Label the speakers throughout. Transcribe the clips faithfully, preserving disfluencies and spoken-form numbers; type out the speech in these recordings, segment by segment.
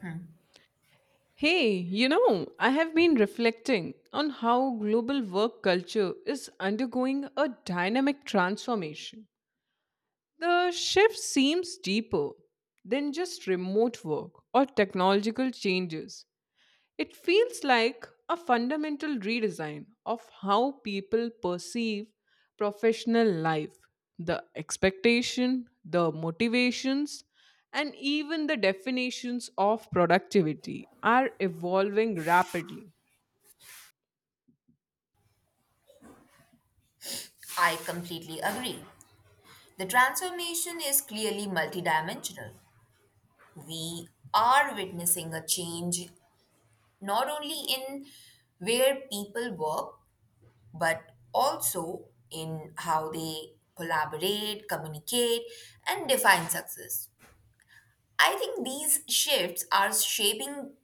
Speaker 1: Hmm,
Speaker 2: Hey, you know, I have been reflecting on how global work culture is undergoing a dynamic transformation. The shift seems deeper than just remote work or technological changes. It feels like a fundamental redesign of how people perceive professional life, the expectation, the motivations, and even the definitions of productivity are evolving rapidly.
Speaker 1: I completely agree. The transformation is clearly multidimensional. We are witnessing a change not only in where people work, but also in how they collaborate, communicate, and define success. I think these shifts are shaping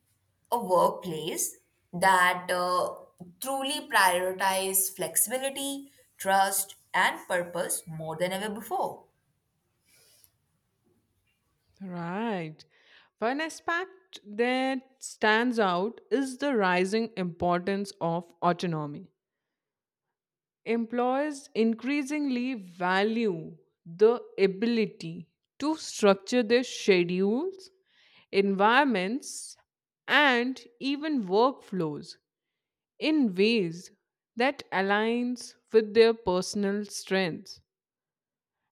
Speaker 1: a workplace that uh, truly prioritize flexibility, trust, and purpose more than ever before.
Speaker 2: Right. One aspect that stands out is the rising importance of autonomy. Employers increasingly value the ability to structure their schedules, environments, and even workflows in ways that aligns with their personal strengths.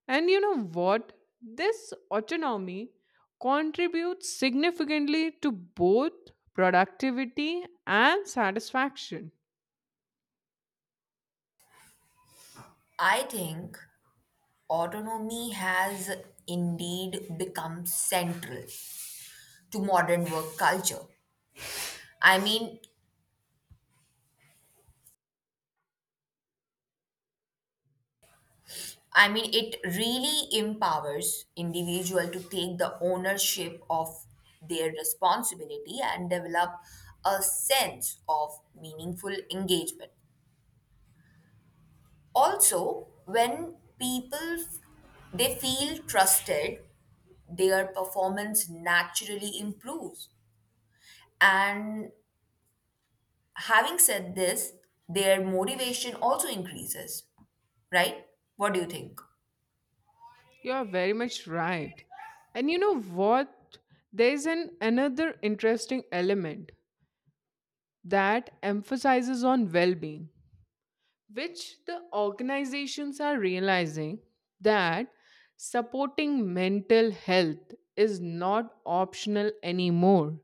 Speaker 2: And you know what? This autonomy contributes significantly to both productivity and satisfaction.
Speaker 1: I think autonomy has indeed become central to modern work culture. I mean, I mean, it really empowers individual to take the ownership of their responsibility and develop a sense of meaningful engagement. Also, when people f- they feel trusted, their performance naturally improves. And having said this, their motivation also increases, right? What do you think?
Speaker 2: You are very much right. And you know what? There's an another interesting element that emphasizes on well-being, which the organizations are realizing that supporting mental health is not optional anymore,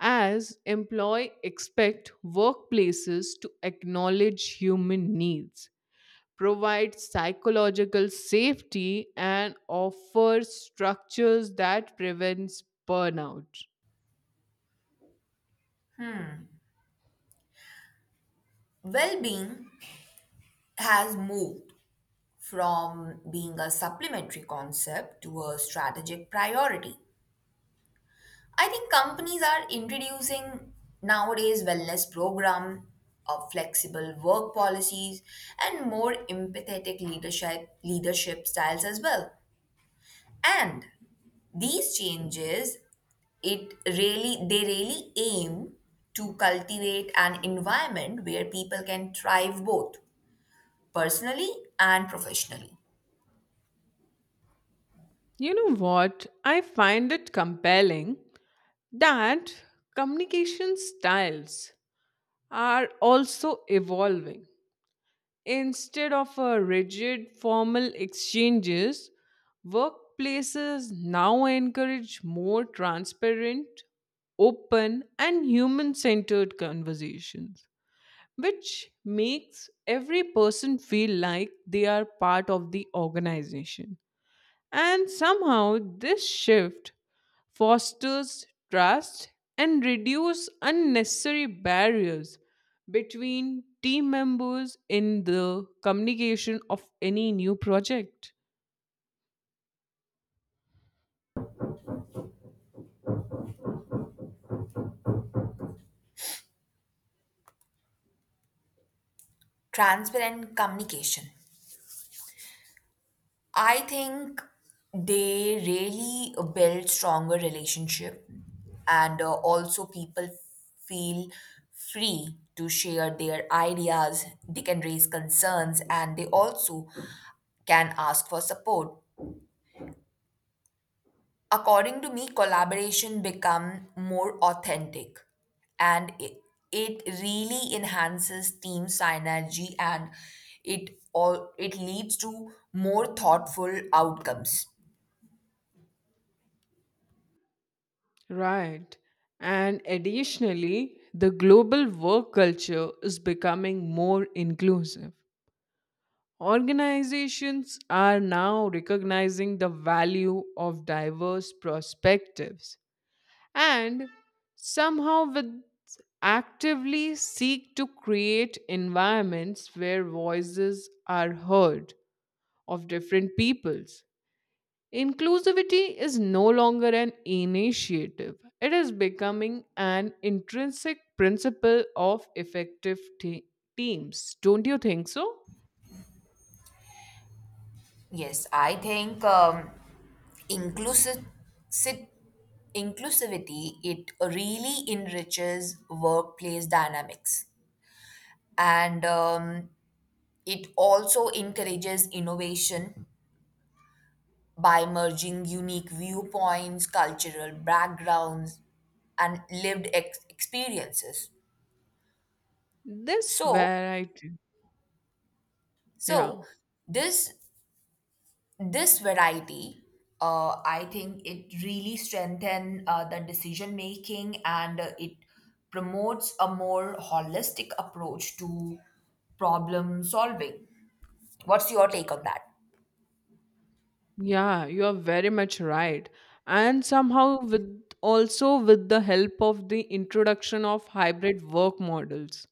Speaker 2: as employee expect workplaces to acknowledge human needs, provide psychological safety, and offer structures that prevents burnout.
Speaker 1: Well-being has moved from being a supplementary concept to a strategic priority. I think companies are introducing nowadays wellness program of flexible work policies and more empathetic leadership leadership styles as well. And these changes it really they really aim to cultivate an environment where people can thrive both personally and professionally.
Speaker 2: You know what? I find it compelling that communication styles are also evolving. Instead of a rigid formal exchanges, workplaces now encourage more transparent, open, and human centered conversations, which makes every person feel like they are part of the organization. And somehow, this shift fosters trust and reduces unnecessary barriers between team members in the communication of any new project.
Speaker 1: Transparent communication. I think they really build stronger relationship, and uh, also people feel free to share their ideas. They can raise concerns, and they also can ask for support. According to me, collaboration become more authentic, and it, it really enhances team synergy, and it all it leads to more thoughtful outcomes.
Speaker 2: Right. And additionally, the global work culture is becoming more inclusive. Organizations are now recognizing the value of diverse perspectives and somehow with actively seek to create environments where voices are heard of different peoples. Inclusivity is no longer an initiative, it is becoming an intrinsic principle of effective te- teams. Don't you think so?
Speaker 1: Yes, I think um, inclusive sit- inclusivity it really enriches workplace dynamics, and um, it also encourages innovation by merging unique viewpoints, cultural backgrounds, and lived ex- experiences.
Speaker 2: This
Speaker 1: So,
Speaker 2: variety. Yeah,
Speaker 1: so this this variety, uh, I think it really strengthens uh, the decision making, and uh, it promotes a more holistic approach to problem solving. What's your take on that?
Speaker 2: yeah, you are very much right. And somehow, with also with the help of the introduction of hybrid work models,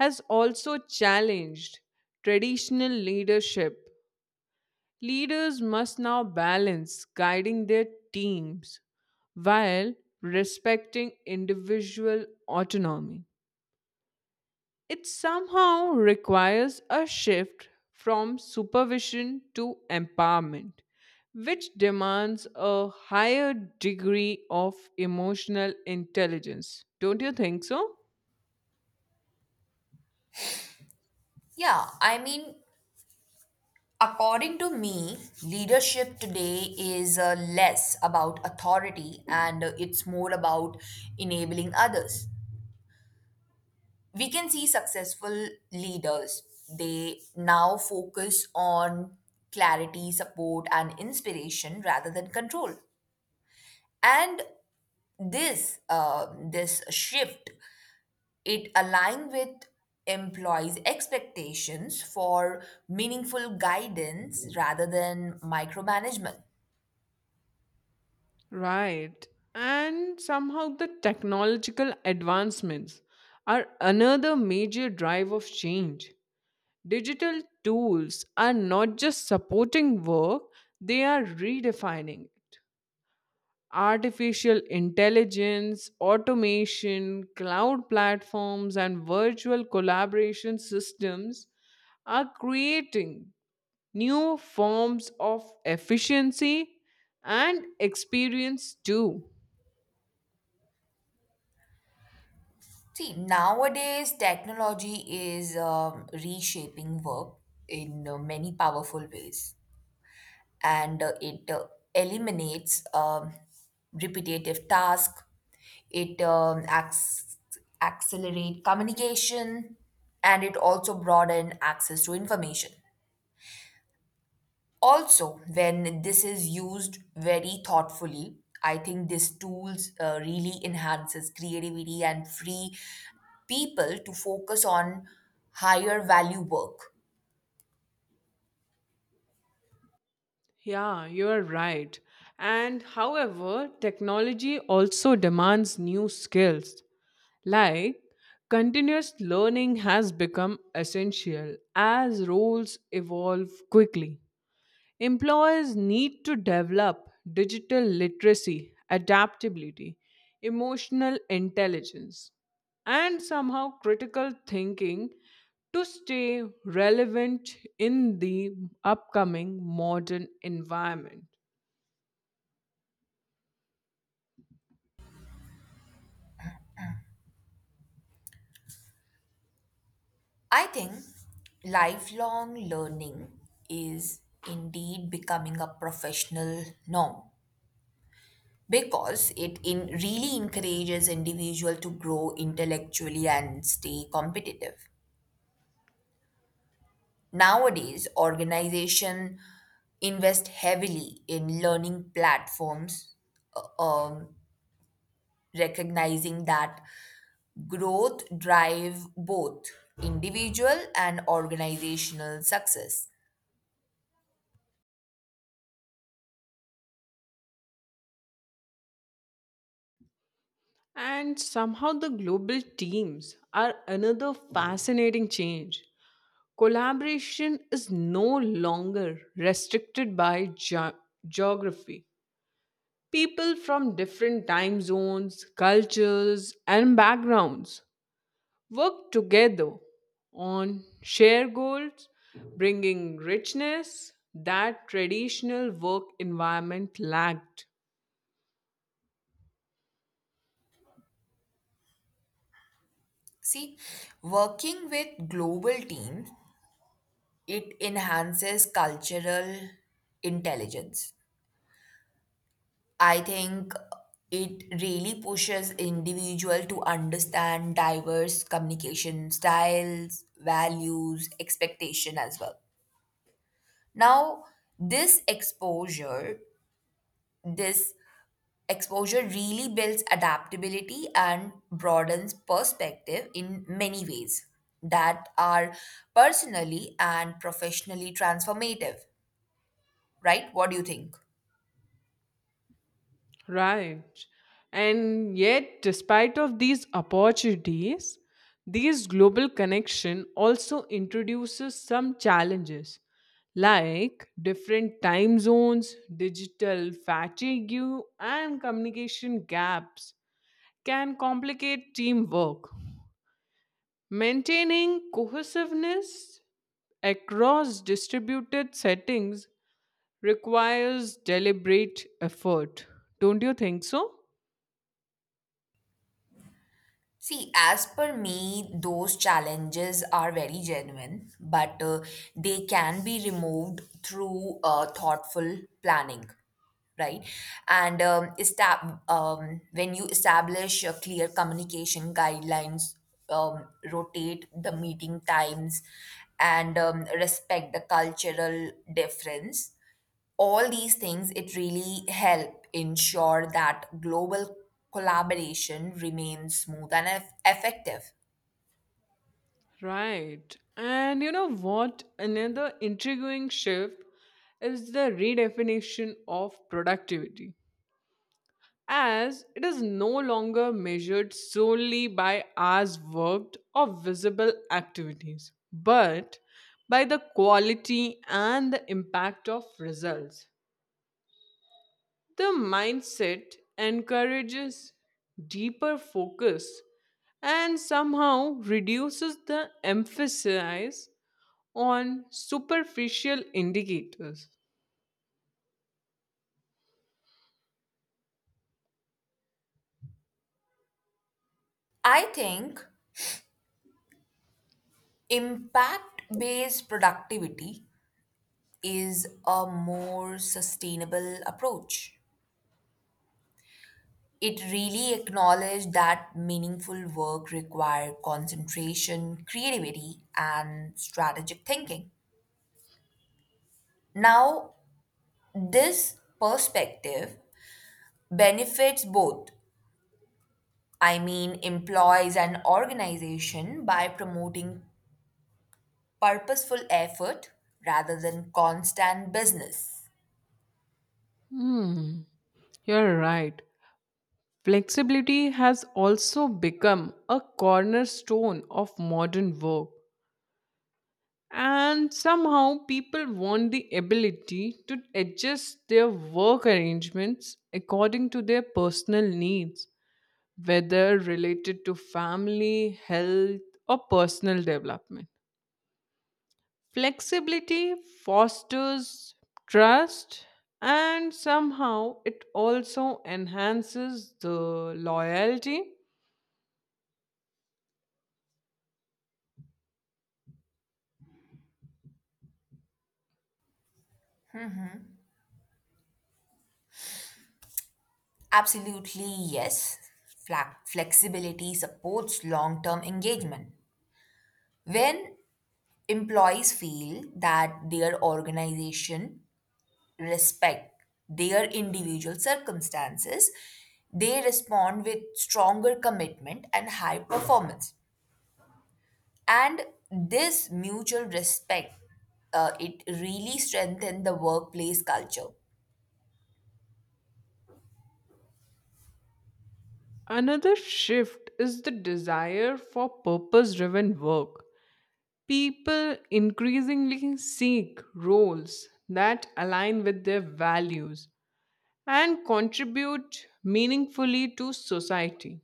Speaker 2: has also challenged traditional leadership. Leaders must now balance guiding their teams while respecting individual autonomy. It somehow requires a shift from supervision to empowerment, which demands a higher degree of emotional intelligence. Don't you think so?
Speaker 1: Yeah I mean, according to me, leadership today is uh, less about authority, and uh, it's more about enabling others. We can see successful leaders they now focus on clarity, support, and inspiration rather than control. And this uh, this shift, it align with employees expectations for meaningful guidance rather than micromanagement.
Speaker 2: Right. And somehow the technological advancements are another major drive of change. Digital tools are not just supporting work, they are redefining it. Artificial intelligence, automation, cloud platforms, and virtual collaboration systems are creating new forms of efficiency and experience too.
Speaker 1: See, nowadays technology is um, reshaping work in uh, many powerful ways, and uh, it uh, eliminates um, repetitive tasks. It um, acts, accelerate communication, and it also broaden access to information. Also, when this is used very thoughtfully, I think these tools uh, really enhances creativity and free people to focus on higher value work.
Speaker 2: Yeah, you are right. And however, technology also demands new skills. Like continuous learning has become essential as roles evolve quickly. Employers need to develop digital literacy, adaptability, emotional intelligence, and somehow critical thinking to stay relevant in the upcoming modern environment.
Speaker 1: I think lifelong learning is indeed becoming a professional norm, because it in really encourages individual to grow intellectually and stay competitive. Nowadays, organization invest heavily in learning platforms, uh, um, recognizing that growth drive both individual and organizational success.
Speaker 2: And somehow the global teams are another fascinating change. Collaboration is no longer restricted by ge- geography. People from different time zones, cultures, and backgrounds work together on shared goals, bringing richness that traditional work environment lacked.
Speaker 1: See, working with global teams, it enhances cultural intelligence. I think it really pushes individual to understand diverse communication styles, values, expectation as well. Now, this exposure, this Exposure really builds adaptability and broadens perspective in many ways that are personally and professionally transformative, right? What do you think?
Speaker 2: Right. And yet, despite of these opportunities, these global connection also introduces some challenges like different time zones, digital fatigue, and communication gaps can complicate teamwork. Maintaining cohesiveness across distributed settings requires deliberate effort. Don't you think so?
Speaker 1: See, as per me, those challenges are very genuine, but uh, they can be removed through uh, thoughtful planning, right? And um, estab- um, when you establish a clear communication guidelines, um, rotate the meeting times, and um, respect the cultural difference, all these things it really help ensure that global collaboration remains smooth and eff- effective.
Speaker 2: Right. And you know what? Another intriguing shift is the redefinition of productivity, as it is no longer measured solely by hours worked or visible activities, but by the quality and the impact of results. The mindset encourages deeper focus and somehow reduces the emphasis on superficial indicators.
Speaker 1: I think impact based productivity is a more sustainable approach. It really acknowledged that meaningful work required concentration, creativity, and strategic thinking. Now, this perspective benefits both, I mean, employees and organization by promoting purposeful effort rather than constant business.
Speaker 2: Hmm, you're right. Flexibility has also become a cornerstone of modern work. And somehow people want the ability to adjust their work arrangements according to their personal needs, whether related to family, health, or personal development. Flexibility fosters trust and somehow it also enhances the loyalty.
Speaker 1: Absolutely, yes. Fla- Flexibility supports long term engagement. When employees feel that their organization respect their individual circumstances, they respond with stronger commitment and high performance. And this mutual respect, uh, it really strengthens the workplace culture.
Speaker 2: Another shift is the desire for purpose driven work. People increasingly seek roles that align with their values and contribute meaningfully to society.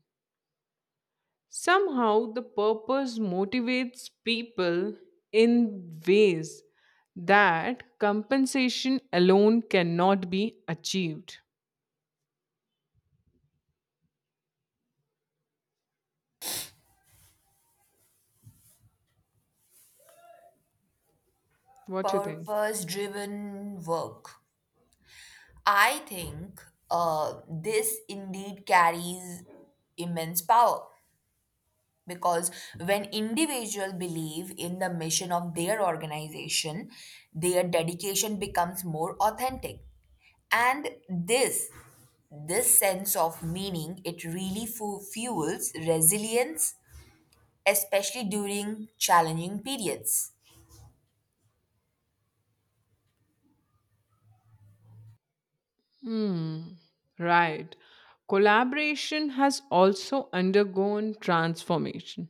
Speaker 2: Somehow, the purpose motivates people in ways that compensation alone cannot be achieved. What you think?
Speaker 1: Purpose driven work. I think uh, this indeed carries immense power, because when individuals believe in the mission of their organization, their dedication becomes more authentic, and this this sense of meaning it really fu- fuels resilience, especially during challenging periods.
Speaker 2: Hmm, right. Collaboration has also undergone transformation.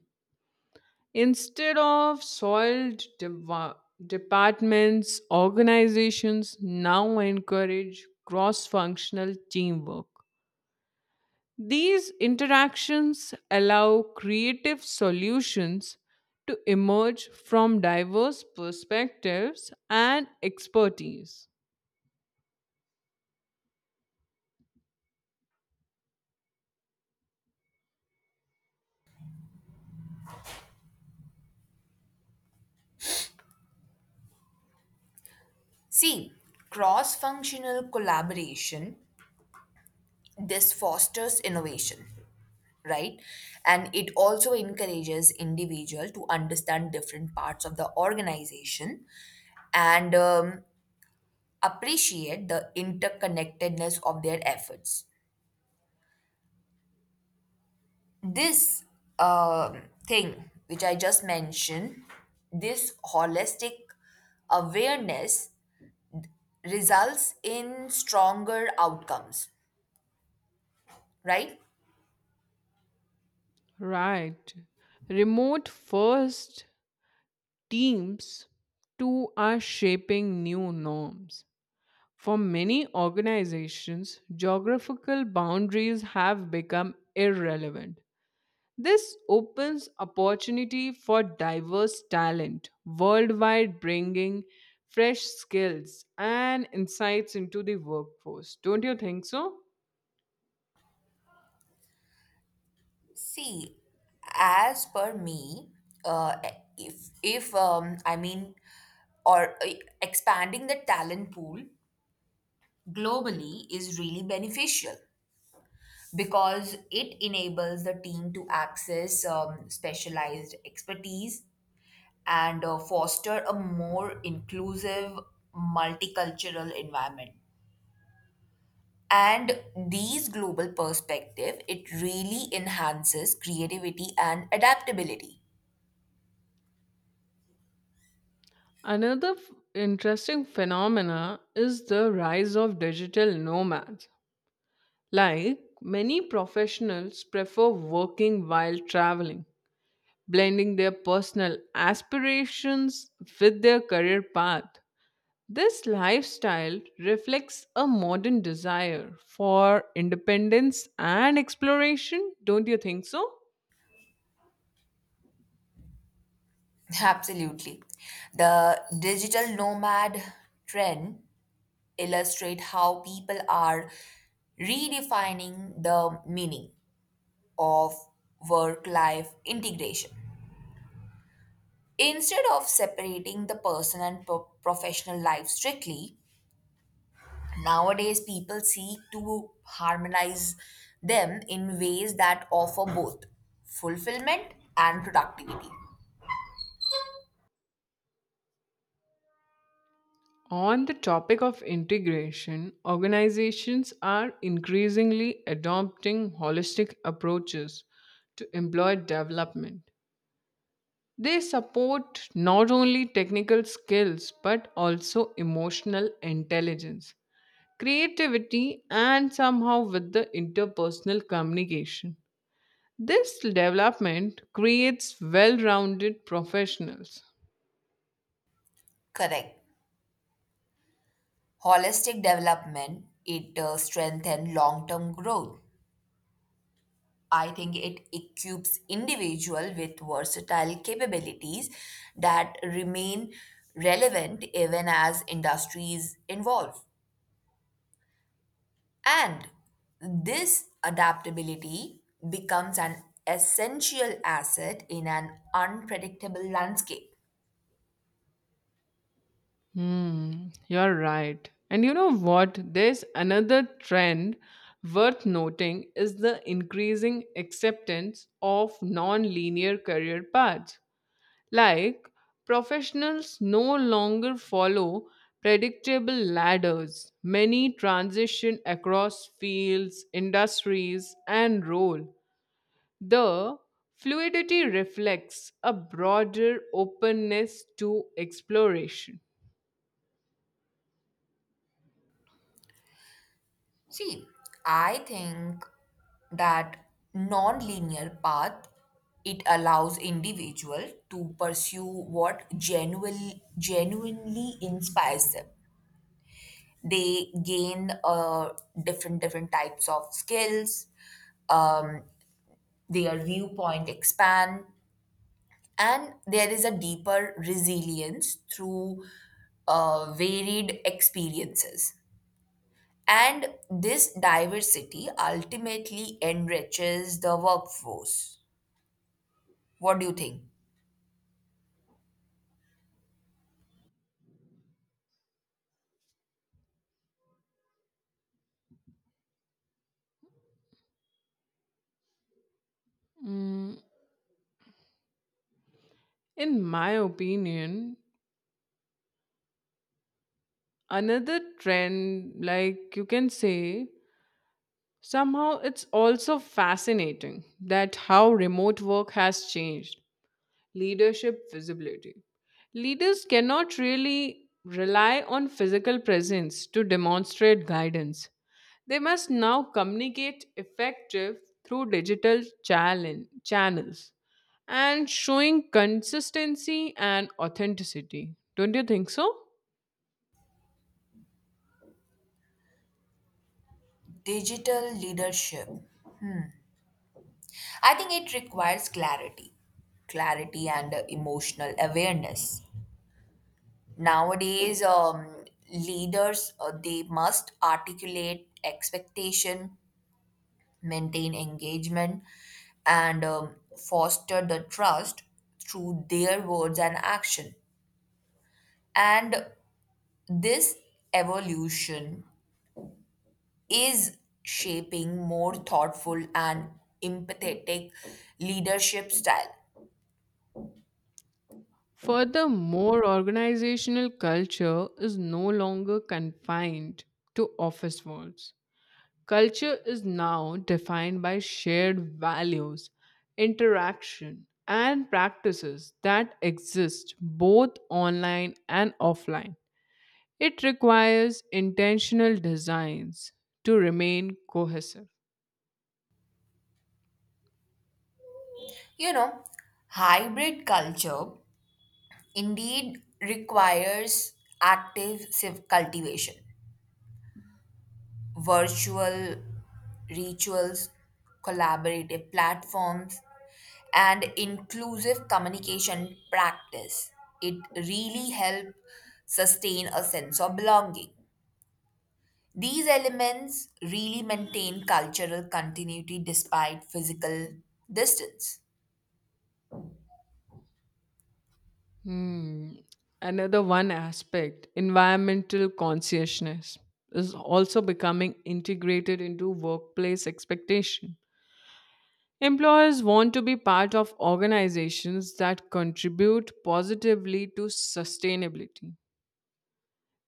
Speaker 2: Instead of soiled deva- departments, organizations now encourage cross functional teamwork. These interactions allow creative solutions to emerge from diverse perspectives and expertise.
Speaker 1: See, cross functional collaboration, this fosters innovation, right? And it also encourages individual to understand different parts of the organization, and um, appreciate the interconnectedness of their efforts. This um thing which I just mentioned, this holistic awareness results in stronger outcomes, right?
Speaker 2: Right. Remote first teams too are shaping new norms. For many organizations, geographical boundaries have become irrelevant. This opens opportunity for diverse talent worldwide, bringing fresh skills and insights into the workforce. Don't you think so?
Speaker 1: See, as per me, uh, if if um, I mean, or uh, expanding the talent pool globally is really beneficial, because it enables the team to access um, specialized expertise and uh, foster a more inclusive multicultural environment, and these global perspective it really enhances creativity and adaptability.
Speaker 2: Another f- interesting phenomena is the rise of digital nomads. Like many professionals prefer working while traveling, blending their personal aspirations with their career path. This lifestyle reflects a modern desire for independence and exploration, don't you think so?
Speaker 1: Absolutely. The digital nomad trend illustrate how people are redefining the meaning of work-life integration. Instead of separating the personal and pro- professional life strictly, nowadays people seek to harmonize them in ways that offer both fulfillment and productivity.
Speaker 2: On the topic of integration, organizations are increasingly adopting holistic approaches to employee development. They support not only technical skills but also emotional intelligence, creativity, and somehow with the interpersonal communication. This development creates well rounded professionals.
Speaker 1: Correct. Holistic development it uh, strengthens long-term growth. I think it equips individual with versatile capabilities that remain relevant even as industries evolve, and this adaptability becomes an essential asset in an unpredictable landscape.
Speaker 2: Hmm, you're right. And you know what? There's another trend worth noting is the increasing acceptance of non-linear career paths. Like professionals no longer follow predictable ladders. Many transition across fields, industries, and role. The fluidity reflects a broader openness to exploration.
Speaker 1: See, I think that non-linear path, it allows individual to pursue what genuine, genuinely inspires them. They gain uh, different different types of skills. Um, their viewpoint expand, and there is a deeper resilience through uh, varied experiences. And this diversity ultimately enriches the workforce. What do you think?
Speaker 2: In my opinion, another trend, like you can say, somehow it's also fascinating that how remote work has changed leadership visibility. Leaders cannot really rely on physical presence to demonstrate guidance. They must now communicate effective through digital challenge, channels and showing consistency and authenticity. Don't you think so?
Speaker 1: Digital leadership. I think it requires clarity, clarity and uh, emotional awareness. Nowadays, um, leaders uh, they must articulate expectation, maintain engagement, and um, foster the trust through their words and action. And this evolution is shaping more thoughtful and empathetic leadership style.
Speaker 2: Furthermore, organizational culture is no longer confined to office walls. Culture is now defined by shared values, interaction, and practices that exist both online and offline. It requires intentional designs to remain cohesive.
Speaker 1: You know, hybrid culture indeed requires active civ- cultivation, virtual rituals, collaborative platforms, and inclusive communication practice. It really helps sustain a sense of belonging. These elements really maintain cultural continuity despite physical distance.
Speaker 2: Hmm. Another one aspect, environmental consciousness, is also becoming integrated into workplace expectation. Employers want to be part of organizations that contribute positively to sustainability.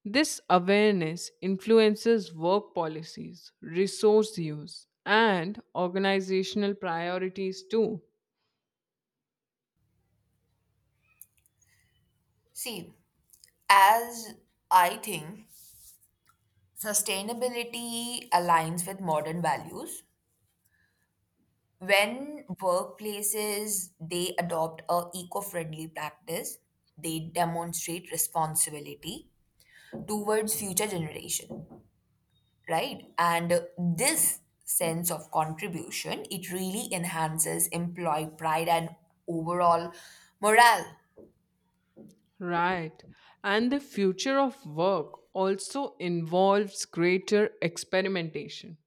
Speaker 2: This awareness influences work policies, resource use, and organizational priorities too.
Speaker 1: See, as I think, sustainability aligns with modern values. When workplaces they adopt a eco-friendly practice, they demonstrate responsibility towards future generation, right? And this sense of contribution it really enhances employee pride and overall morale.
Speaker 2: Right. And the future of work also involves greater experimentation.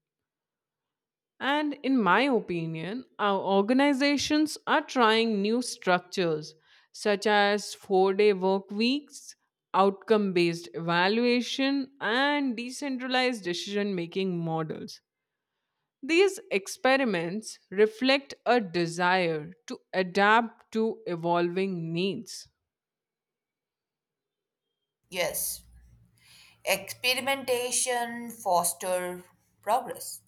Speaker 2: And in my opinion, our organizations are trying new structures such as four day work weeks, outcome based evaluation, and decentralized decision making models. These experiments reflect a desire to adapt to evolving needs.
Speaker 1: Yes, experimentation foster progress.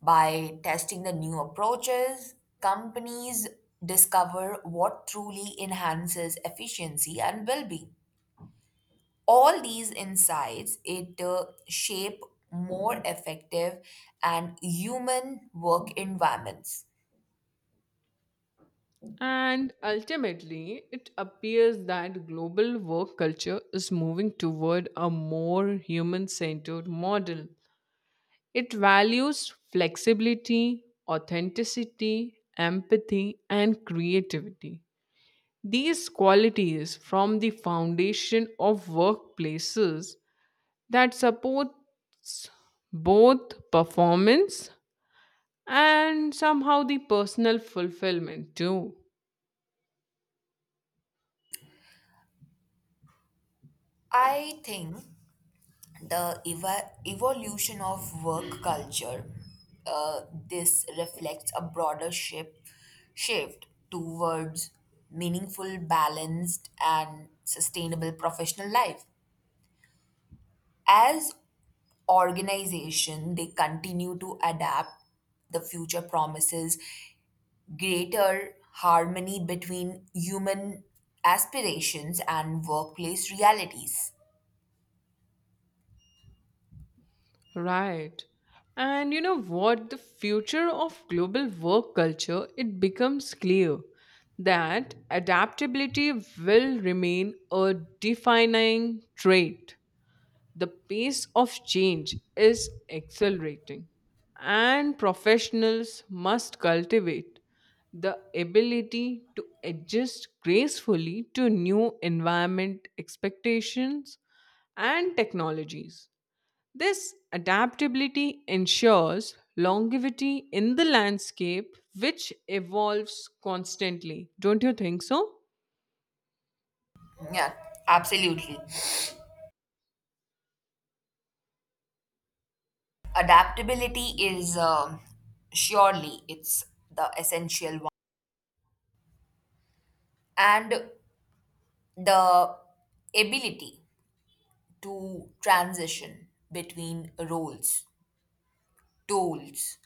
Speaker 1: By testing the new approaches, companies discover what truly enhances efficiency and well-being. All these insights it uh, shape more effective and human work environments.
Speaker 2: And ultimately, it appears that global work culture is moving toward a more human centered model. It values flexibility, authenticity, empathy, and creativity. These qualities form the foundation of workplaces that supports both performance and somehow the personal fulfillment too.
Speaker 1: I think the eva- evolution of work culture, uh, this reflects a broader ship- shift towards meaningful, balanced, and sustainable professional life. As organization, they continue to adapt, the future promises greater harmony between human aspirations and workplace realities.
Speaker 2: Right. And you know what? The future of global work culture, it becomes clear that adaptability will remain a defining trait. The pace of change is accelerating, and professionals must cultivate the ability to adjust gracefully to new environment expectations and technologies. This adaptability ensures longevity in the landscape, which evolves constantly. Don't you think so?
Speaker 1: Yeah, absolutely. Adaptability is um, surely it's the essential one, and the ability to transition between roles, tools,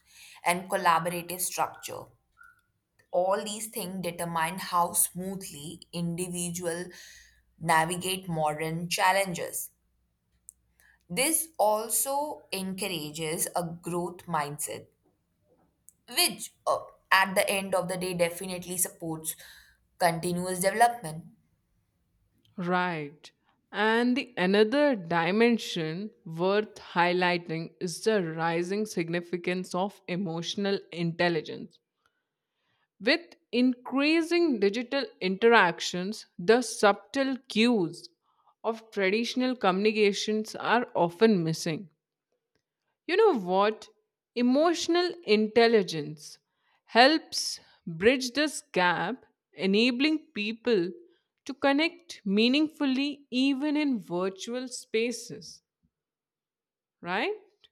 Speaker 1: and collaborative structure, all these things determine how smoothly individual navigate modern challenges. This also encourages a growth mindset, which uh, at the end of the day definitely supports continuous development.
Speaker 2: Right. And the another dimension worth highlighting is the rising significance of emotional intelligence. With increasing digital interactions, the subtle cues of traditional communications are often missing. You know what? Emotional intelligence helps bridge this gap, enabling people to connect meaningfully even in virtual spaces, right?